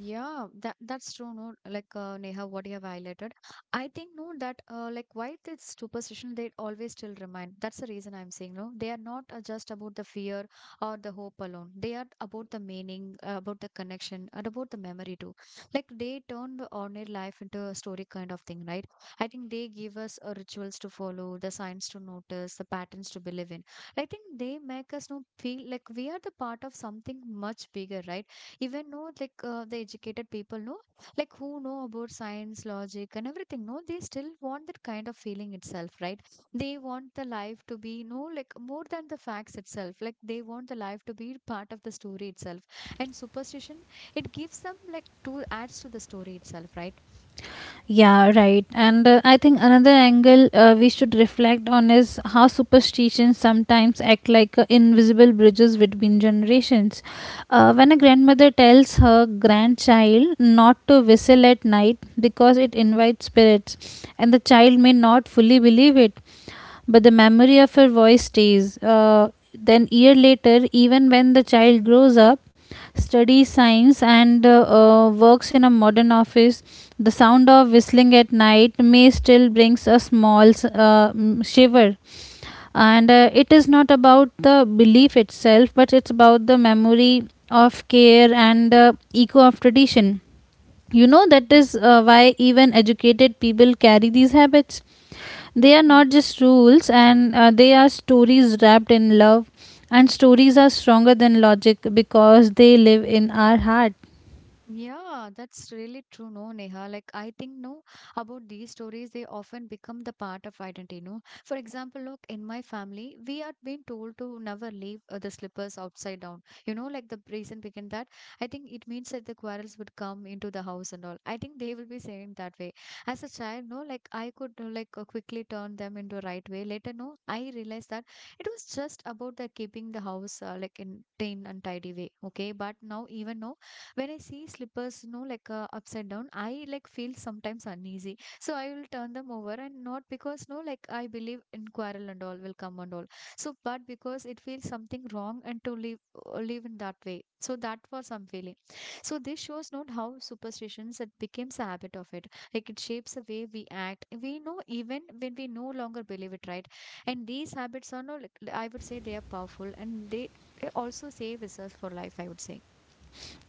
Yeah, that's true. No, like Neha, what you have highlighted, I think no that like why this superstition they always still remain. That's the reason I'm saying no. They are not just about the fear or the hope alone. They are about the meaning, about the connection, and about the memory too. Like they turn the ordinary life into a story kind of thing, right? I think they give us rituals to follow, the signs to notice, the patterns to believe in. I think they make us no feel like we are the part of something much bigger, right? Even know like the educated people know, like who know about science, logic and everything no, they still want that kind of feeling itself, right? They want the life to be no like more than the facts itself, like they want the life to be part of the story itself. And superstition, it gives some like to adds to the story itself, right? Yeah, right. And I think another angle we should reflect on is how superstitions sometimes act like invisible bridges between generations. When a grandmother tells her grandchild not to whistle at night because it invites spirits, and the child may not fully believe it, but the memory of her voice stays. Then year later, even when the child grows up, studies science and works in a modern office, the sound of whistling at night may still brings a small shiver. And it is not about the belief itself, but it's about the memory of care and echo of tradition. That is why even educated people carry these habits, they are not just rules, and they are stories wrapped in love. And stories are stronger than logic because they live in our heart. Yeah, that's really true, no, Neha. Like I think no about these stories, they often become the part of identity, no. For example, look in my family, we had been told to never leave the slippers outside down. You know, like the reason behind that, I think it means that the quarrels would come into the house and all. I think they will be saying that way. As a child, no, like I could quickly turn them into a right way. Later, no, I realized that it was just about the keeping the house like in clean and tidy way. Okay, but now even no, when I see slippers, you know, like upside down, I like feel sometimes uneasy. So I will turn them over and not because, no, like I believe in quarrel and all will come and all. So, but because it feels something wrong and to live, live in that way. So that was some feeling. So this shows not how superstitions it becomes a habit of it. Like it shapes the way we act. We know even when we no longer believe it, right? And these habits are not, like, I would say they are powerful and they also save us for life, I would say.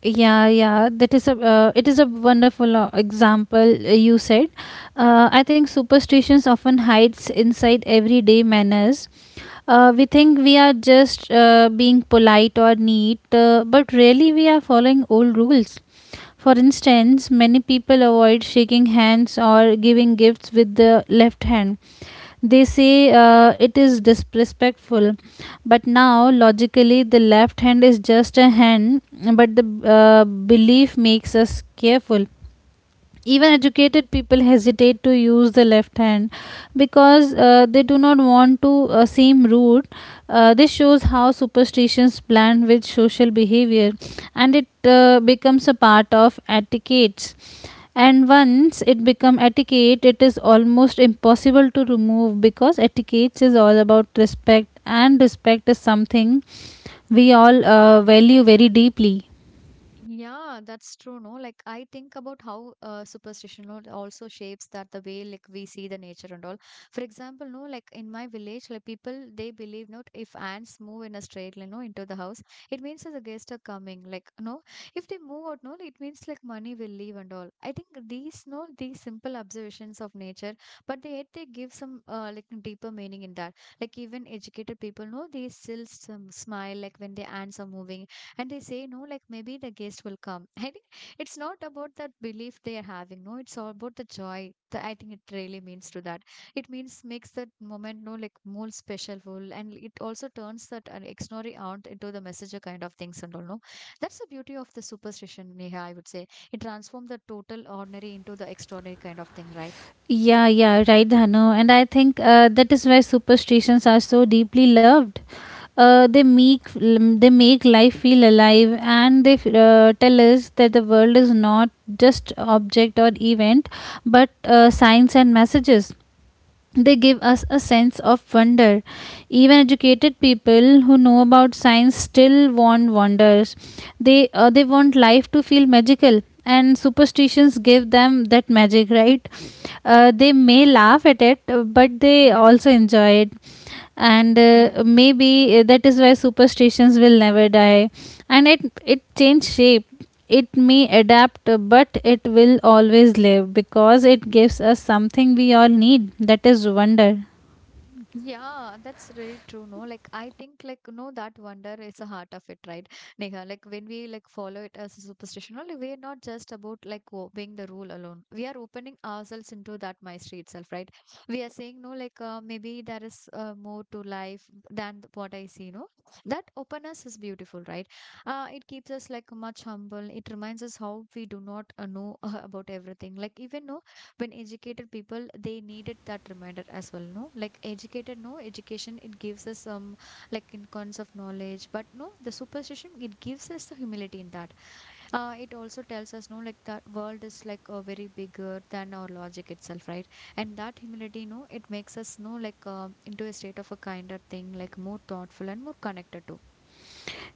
Yeah, yeah, that is a it is a wonderful example you said. I think superstitions often hides inside everyday manners. We think we are just being polite or neat, but really we are following old rules. For instance, many people avoid shaking hands or giving gifts with the left hand. They say it is disrespectful. But now, logically, the left hand is just a hand, but the belief makes us careful. Even educated people hesitate to use the left hand because they do not want to seem rude. This shows how superstitions blend with social behavior, and it becomes a part of etiquettes. And once it become etiquette, it is almost impossible to remove because etiquette is all about respect, and respect is something we all value very deeply. Yeah, that's true, no? Like I think about how superstition also shapes that the way like we see the nature and all. For example, no, like in my village, like people they believe not if ants move in a straight line, no, into the house, it means that the guests are coming. Like no, if they move out, no, it means like money will leave and all. I think these no these simple observations of nature, but they yet they give some like deeper meaning in that. Like even educated people no, they still some smile like when their ants are moving and they say no like maybe the guest will come I think it's not about that belief they are having no, it's all about the joy the, I think it really means to that. It means makes that moment no like more specialful, and it also turns that an extraordinary aunt into the messenger kind of things and all no. That's the beauty of the superstition, Neha, I would say. It transforms the total ordinary into the extraordinary kind of thing, right? Yeah, yeah, right, Dhanu. And I think that is why superstitions are so deeply loved. They make life feel alive, and they tell us that the world is not just object or event, but signs and messages. They give us a sense of wonder. Even educated people who know about science still want wonders. They want life to feel magical, and superstitions give them that magic, right? They may laugh at it, but they Yeah. also enjoy it. And maybe that is why superstitions will never die. And it changed shape, it may adapt, but it will always live because it gives us something we all need, that is wonder. Yeah, that's really true. No, like I think like no, that wonder is the heart of it, right? Neha, like when we like follow it as a superstition, only we're not just about like obeying the rule alone. We are opening ourselves into that mystery itself, right? We are saying no, like maybe there is more to life than what I see. No, that openness is beautiful, right? It keeps us like much humble. It reminds us how we do not know about everything. Like even no when educated people they needed that reminder as well no, like educated no education it gives us some like in kinds of knowledge, but no the superstition it gives us the humility in that. It also tells us no like the world is like a very bigger than our logic itself, right? And that humility no it makes us no like into a state of a kinder thing, like more thoughtful and more connected to.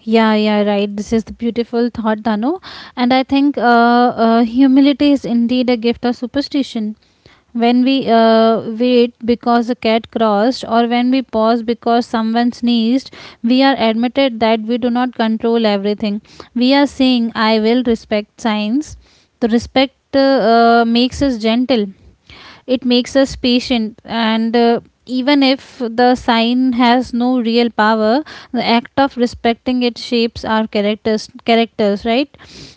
Yeah, yeah, right. This is the beautiful thought, Danu. And I think humility is indeed a gift of superstition. When we wait because a cat crossed, or when we pause because someone sneezed, we are admitted that we do not control everything. We are saying, I will respect science. The respect makes us gentle, it makes us patient, and even if the sign has no real power, the act of respecting it shapes our characters, right?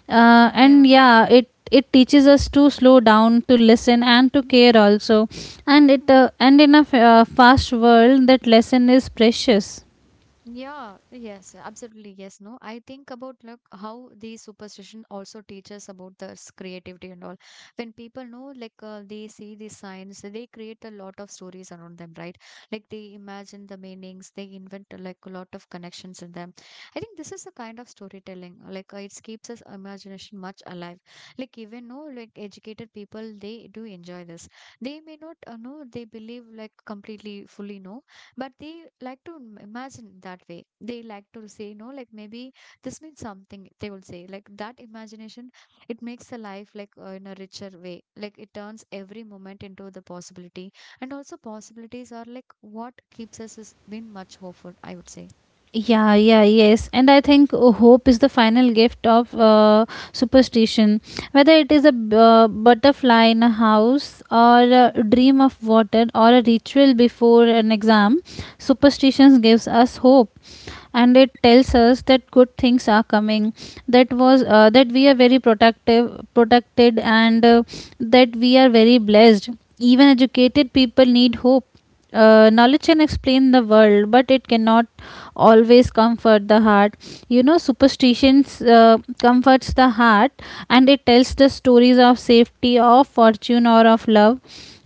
uh, and Yeah. yeah it it teaches us to slow down, to listen, and to care also. And it and in a fast world, that lesson is precious. Yeah, yes, absolutely. Yes, no. I think about like how the superstition also teaches about the creativity and all. When people know, like they see the signs, they create a lot of stories around them, right? Like they imagine the meanings, they invent like a lot of connections in them. I think this is a kind of storytelling. Like it keeps us imagination much alive. Like even no, like educated people, they do enjoy this. They may not know, they believe like completely fully no, but they like to imagine that way, they like to say no like maybe this means something, they will say like that imagination it makes the life like in a richer way, like it turns every moment into the possibility. And also possibilities are like what keeps us is been much hopeful, I would say. Yeah, yeah, yes. And I think hope is the final gift of superstition. Whether it is a butterfly in a house, or a dream of water, or a ritual before an exam, superstitions gives us hope. And it tells us that good things are coming, that was that we are very protective protected and that we are very blessed. Even educated people need hope. Knowledge can explain the world, but it cannot always comfort the heart. You know, superstitions comforts the heart. And it tells the stories of safety, of fortune, or of love.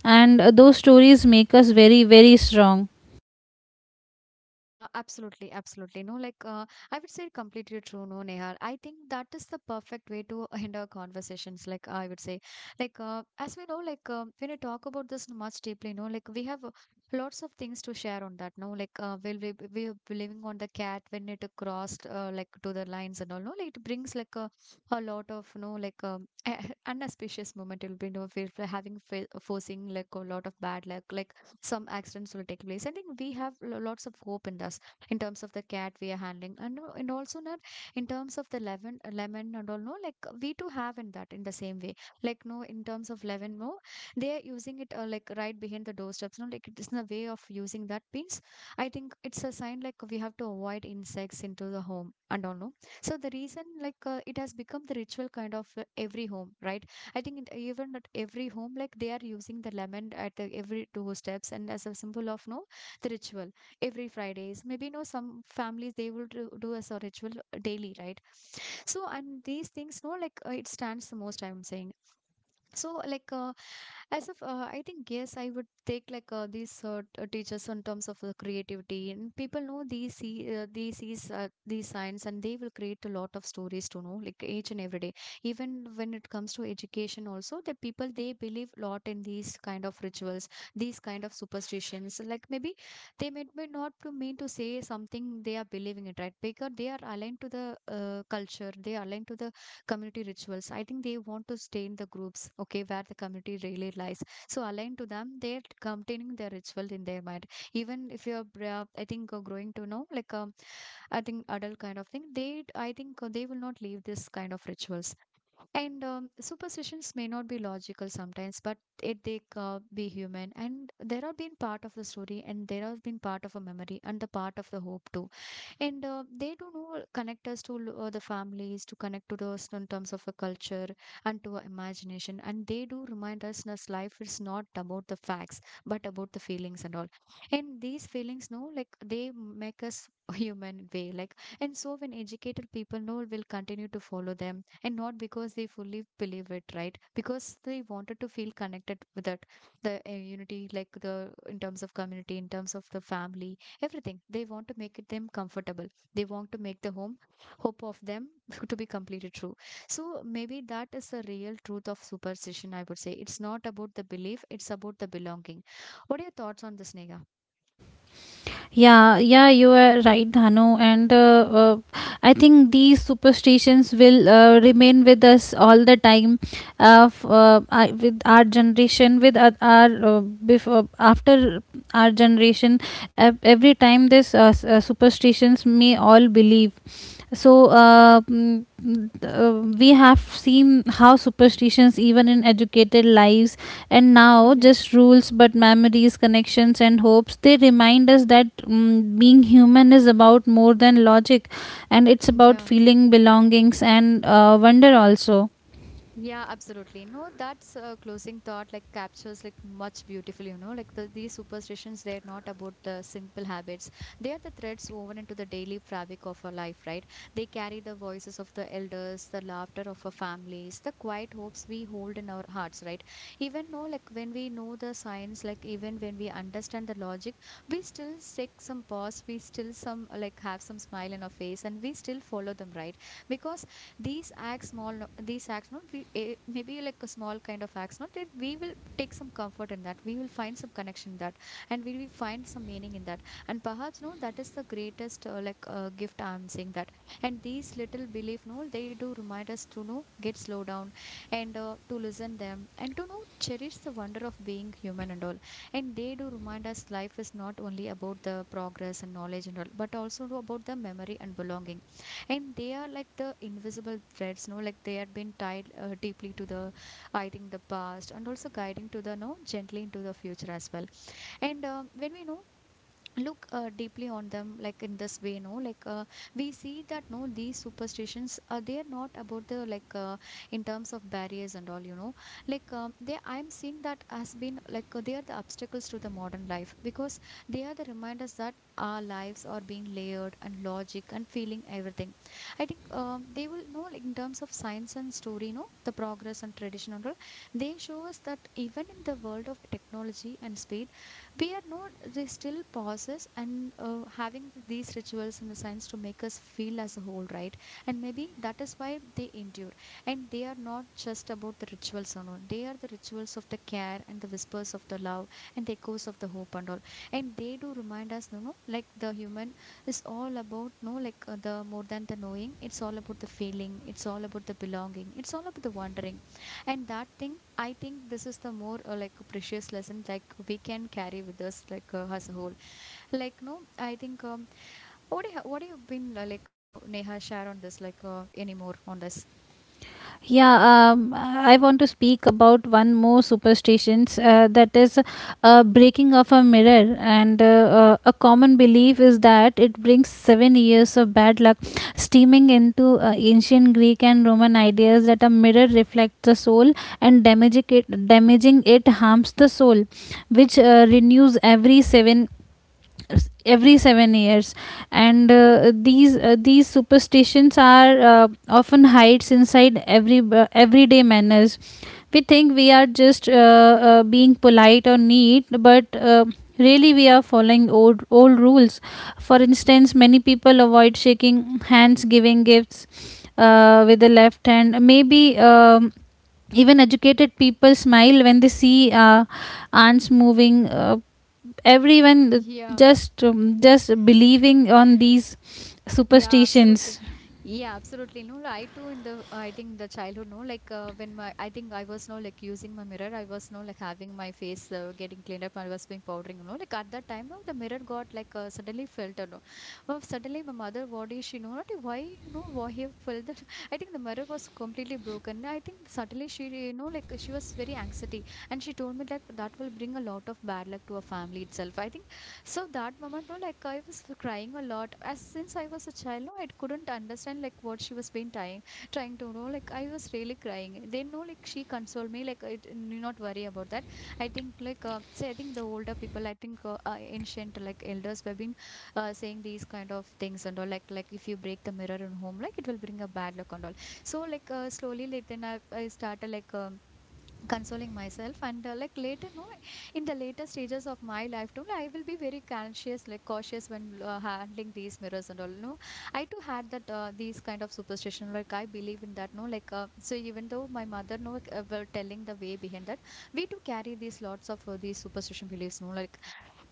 And those stories make us very, very strong. Yeah, absolutely, absolutely. No, like I would say completely true, no, Nehal. I think that is the perfect way to end our conversations. Like I would say, like as we know, like when we talk about this much deeply, no, like we have lots of things to share on that. No, like we are living on the cat when it crossed like to the lines and all. No, like it brings like a lot of no like unauspicious moment. It'll be no, we're having forcing like a lot of bad luck, like some accidents will take place. I think we have lots of hope in us in terms of the cat we are handling, and also not in terms of the lemon, lemon and all. No, like we too have in that in the same way. Like no, in terms of lemon, no, they are using it like right behind the doorsteps. No, like it's a way of using that means I think it's a sign like we have to avoid insects into the home and all. No, so the reason like it has become the ritual kind of every home, right? I think it, even at every home, like they are using the lemon at the, every doorsteps and as a symbol of no the ritual every Fridays. Maybe no some families they will do as a ritual daily, right? So and these things, no, like it stands the most. I'm saying. so like uh, as of I think yes, I would take these teachers in terms of creativity, and people know these see these sees these signs, and they will create a lot of stories to know like each and every day. Even when it comes to education also, the people they believe a lot in these kind of rituals, these kind of superstitions. Like maybe they may not to mean to say something, they are believing it, right? Because they are aligned to the culture, they are aligned to the community rituals. I think they want to stay in the groups, okay, where the community really lies. So aligned to them, they're containing their ritual in their mind. Even if you're, I think, growing to know, like, I think adult kind of thing, they, I think, they will not leave this kind of rituals. And superstitions may not be logical sometimes, but it they be human. And there have been part of the story, and there have been part of a memory, and the part of the hope too. And they do know connect us to the families, to connect to those in terms of a culture and to our imagination. And they do remind us that life is not about the facts, but about the feelings and all. And these feelings, no, like they make us human way like. And so when educated people know will continue to follow them, and not because they fully believe it, right? Because they wanted to feel connected with that, the unity, like the in terms of community, in terms of the family, everything. They want to make it them comfortable, they want to make the home, hope of them to be completely true. So maybe that is the real truth of superstition, I would say. It's not about the belief, it's about the belonging. What are your thoughts on this, Nega? Yeah, yeah, you are right, Dhanu. And I think these superstitions will remain with us all the time, with our generation, with our before after our generation. Every time this superstitions may all believe. So we have seen how superstitions even in educated lives, and now Yeah, just rules but memories, connections and hopes. They remind us that being human is about more than logic, and it's about yeah, feeling, belongings, and wonder also. yeah, absolutely. No, that's a closing thought like captures like much beautifully, you know, like these superstitions, they're not about the simple habits. They are the threads woven into the daily fabric of our life, right? They carry the voices of the elders, the laughter of our families, the quiet hopes we hold in our hearts, right? Even though like when we know the science, like even when we understand the logic, we still take some pause, we still some like have some smile in our face, and we still follow them, right? Because these acts small these acts not we, eh, maybe like a small kind of acts, not that we will take some comfort in that, we will find some connection in that, and we will find some meaning in that. And perhaps, no, that is the greatest gift, I'm saying that. And these little belief, no, they do remind us to know get slow down and to listen them and to know cherish the wonder of being human and all. And they do remind us life is not only about the progress and knowledge and all, but also, no, about the memory and belonging. And they are like the invisible threads, no, like they had been tied deeply to the, I think, the past, and also guiding to the no gently into the future as well. And when we know look deeply on them, like in this way, no like we see that no, these superstitions they are not about the in terms of barriers and all, you know. They, I'm seeing that has been they are the obstacles to the modern life, because they are the reminders that our lives are being layered, and logic and feeling everything. I think they will know like in terms of science and story, no, the progress and tradition and all. They show us that even in the world of technology and speed, we are not they still pauses, and having these rituals in the science to make us feel as a whole, right? And maybe that is why they endure. And they are not just about the rituals alone, they are the rituals of the care and the whispers of the love and the echoes of the hope and all. And they do remind us, you know, like the human is all about no, the more than the knowing. It's all about the feeling, it's all about the belonging, it's all about the wondering. And that thing, I think this is the more like precious lesson like we can carry with us as a whole, like no. I think What do you been like no, Neha, share on this anymore on this? Yeah, I want to speak about one more superstitions that is breaking of a mirror. And a common belief is that it brings 7 years of bad luck, steaming into ancient Greek and Roman ideas that a mirror reflects the soul, and damaging it harms the soul, which renews every 7 years. And these superstitions are often hides inside everyday manners. We think we are just being polite or neat, but really we are following old rules. For instance, many people avoid shaking hands, giving gifts with the left hand maybe. Um, even educated people smile when they see ants moving. Everyone just believing on these Yeah, absolutely. superstitions. Yeah, absolutely. No, I too in the I think the childhood, no, like when my, I think, I was no like using my mirror, I was no like having my face getting cleaned up, I was being powdering, you know, like at that time, no, the mirror got like suddenly filled, no, know. Well, suddenly my mother, what is she know not why you know why he filled that? I think the mirror was completely broken. I think suddenly she, you know, like she was very anxiety, and she told me like that will bring a lot of bad luck to a family itself, I think. So that moment, no, like I was crying a lot. As since I was a child, no, I couldn't understand like what she was been trying, trying to know. Like I was really crying. Then no, like she consoled me, like it, you not worry about that. I think say, I think the older people, I think ancient like elders have been saying these kind of things and all. Like if you break the mirror in home, like it will bring a bad luck and all. So slowly, like then I started like. Consoling myself and like later no, in the later stages of my life too, I will be very conscious, like cautious when handling these mirrors and all, no. I too had that these kind of superstition, like I believe in that, no, like so even though my mother no were telling the way behind that, we too carry these lots of these superstition beliefs, no like.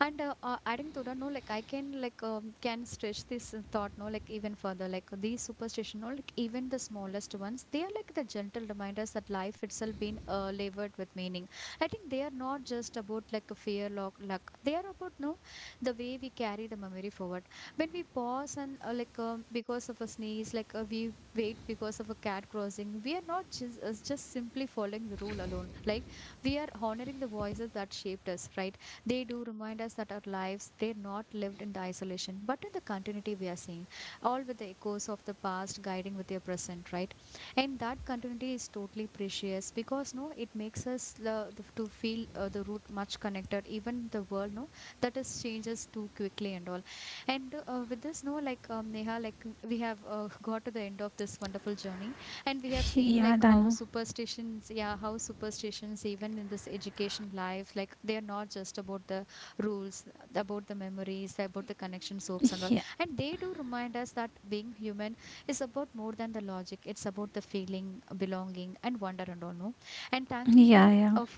And adding to that, no, like I can can stretch this thought, no, like even further, like these superstition, no, like even the smallest ones, they are like the gentle reminders that life itself been labored with meaning. I think they are not just about like a fear, lock, luck. They are about no, the way we carry the memory forward. When we pause and because of a sneeze, like we wait because of a cat crossing, we are not just simply following the rule alone. Like we are honoring the voices that shaped us, right? They do remind us that our lives, they're not lived in the isolation, but in the continuity we are seeing, all with the echoes of the past guiding with your present, right? And that continuity is totally precious because, no, it makes us the, to feel the root much connected, even the world, no, that is changes too quickly and all. And with this, no, Neha, like we have got to the end of this wonderful journey, and we have seen Yeah, like Dano. how superstitions, yeah, how superstitions even in this education life, like they are not just about the rules, about the memories, about the connection soaps and all. Yeah, And they do remind us that being human is about more than the logic. It's about the feeling, belonging and wonder and all, no. And thank you yeah, no yeah. of,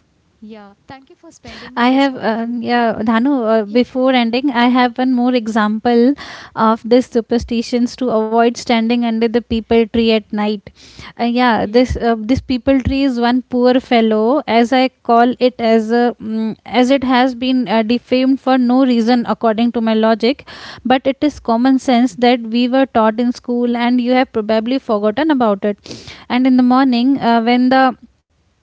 yeah, thank you for spending I this have, wonderful, yeah, Dhanu, before ending, I have one more example of this superstitions, to avoid standing under the people tree at night. Yeah, yeah. this this people tree is one poor fellow, as I call it, as a, as it has been defamed for no reason according to my logic, but it is common sense that we were taught in school, and you have probably forgotten about it. And in the morning, when the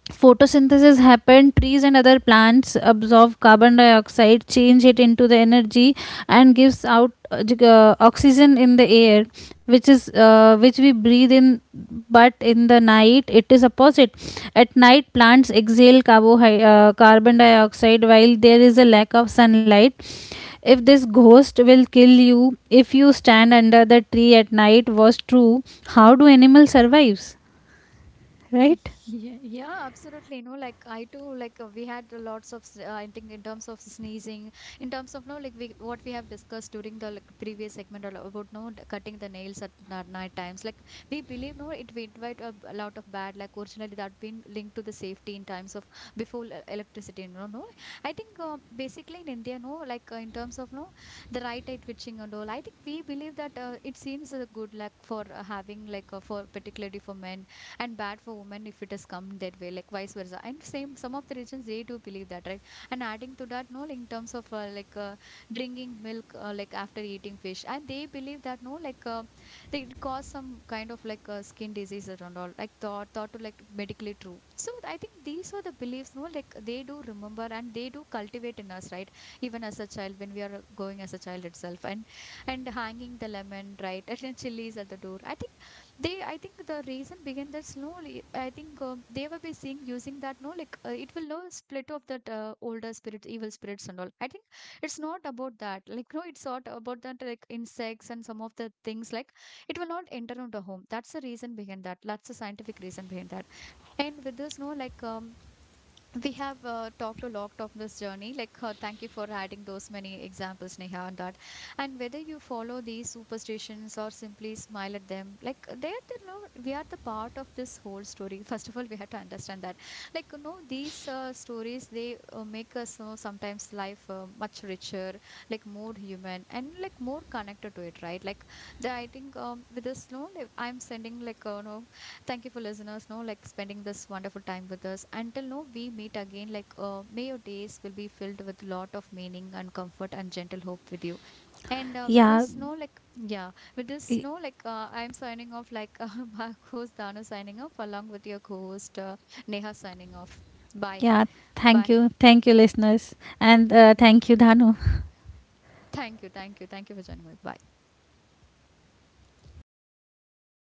photosynthesis happened, trees and other plants absorb carbon dioxide, change it into the energy, and gives out oxygen in the air, which is which we breathe in. But in the night, it is opposite. At night, plants exhale carbon dioxide while there is a lack of sunlight. If this ghost will kill you if you stand under the tree at night was true, how do animals survive? Right? Yeah, yeah, absolutely. No, like I too, we had a lots of, I think in terms of sneezing, in terms of no, like we what we have discussed during the like, previous segment about no the cutting the nails at night times. Like we believe no, it will invite a, a lot of bad. Like originally that been linked to the safety in times of before electricity. No, no. I think basically in India, no, like in terms of no, the right eye twitching and all. I think we believe that it seems good, like for having for particularly for men, and bad for women if it has come that way, like vice versa. And same some of the regions they do believe that, right? And adding to that, no, like in terms of drinking milk like after eating fish, and they believe that no like they it cause some kind of skin diseases and all, like thought to like medically true. So I think these are the beliefs no, like they do remember and they do cultivate in us, right? Even as a child, when we are going as a child itself, and hanging the lemon, right? And then chilies at the door, I think they, I think the reason began that slowly, I think they will be seeing using that, no, like it will no split off that older spirits, evil spirits and all. I think it's not about that. Like, no, it's not about that, like insects and some of the things, like it will not enter into the home. That's the reason behind that. That's the scientific reason behind that. And with this, no, we have talked a lot of this journey. Like, thank you for adding those many examples, Neha, on that. And whether you follow these superstitions or simply smile at them, like they are the we are the part of this whole story. First of all, we have to understand that. Like, you know, these stories they make us sometimes life much richer, like more human and like more connected to it, right? Like, the, I think with this, no, like, I'm sending like no. Thank you for listeners, no, like spending this wonderful time with us. Until no, we meet again. Like, may your days will be filled with lot of meaning and comfort and gentle hope with you. And with Yeah. no, like, yeah, with this, no, like, I'm signing off. Like, my host Dana signing off, along with your co-host Neha signing off. Bye, Yeah, bye. thank you. Thank you, listeners. And thank you, Dhanu. Thank you, thank you, thank you for joining me. Bye.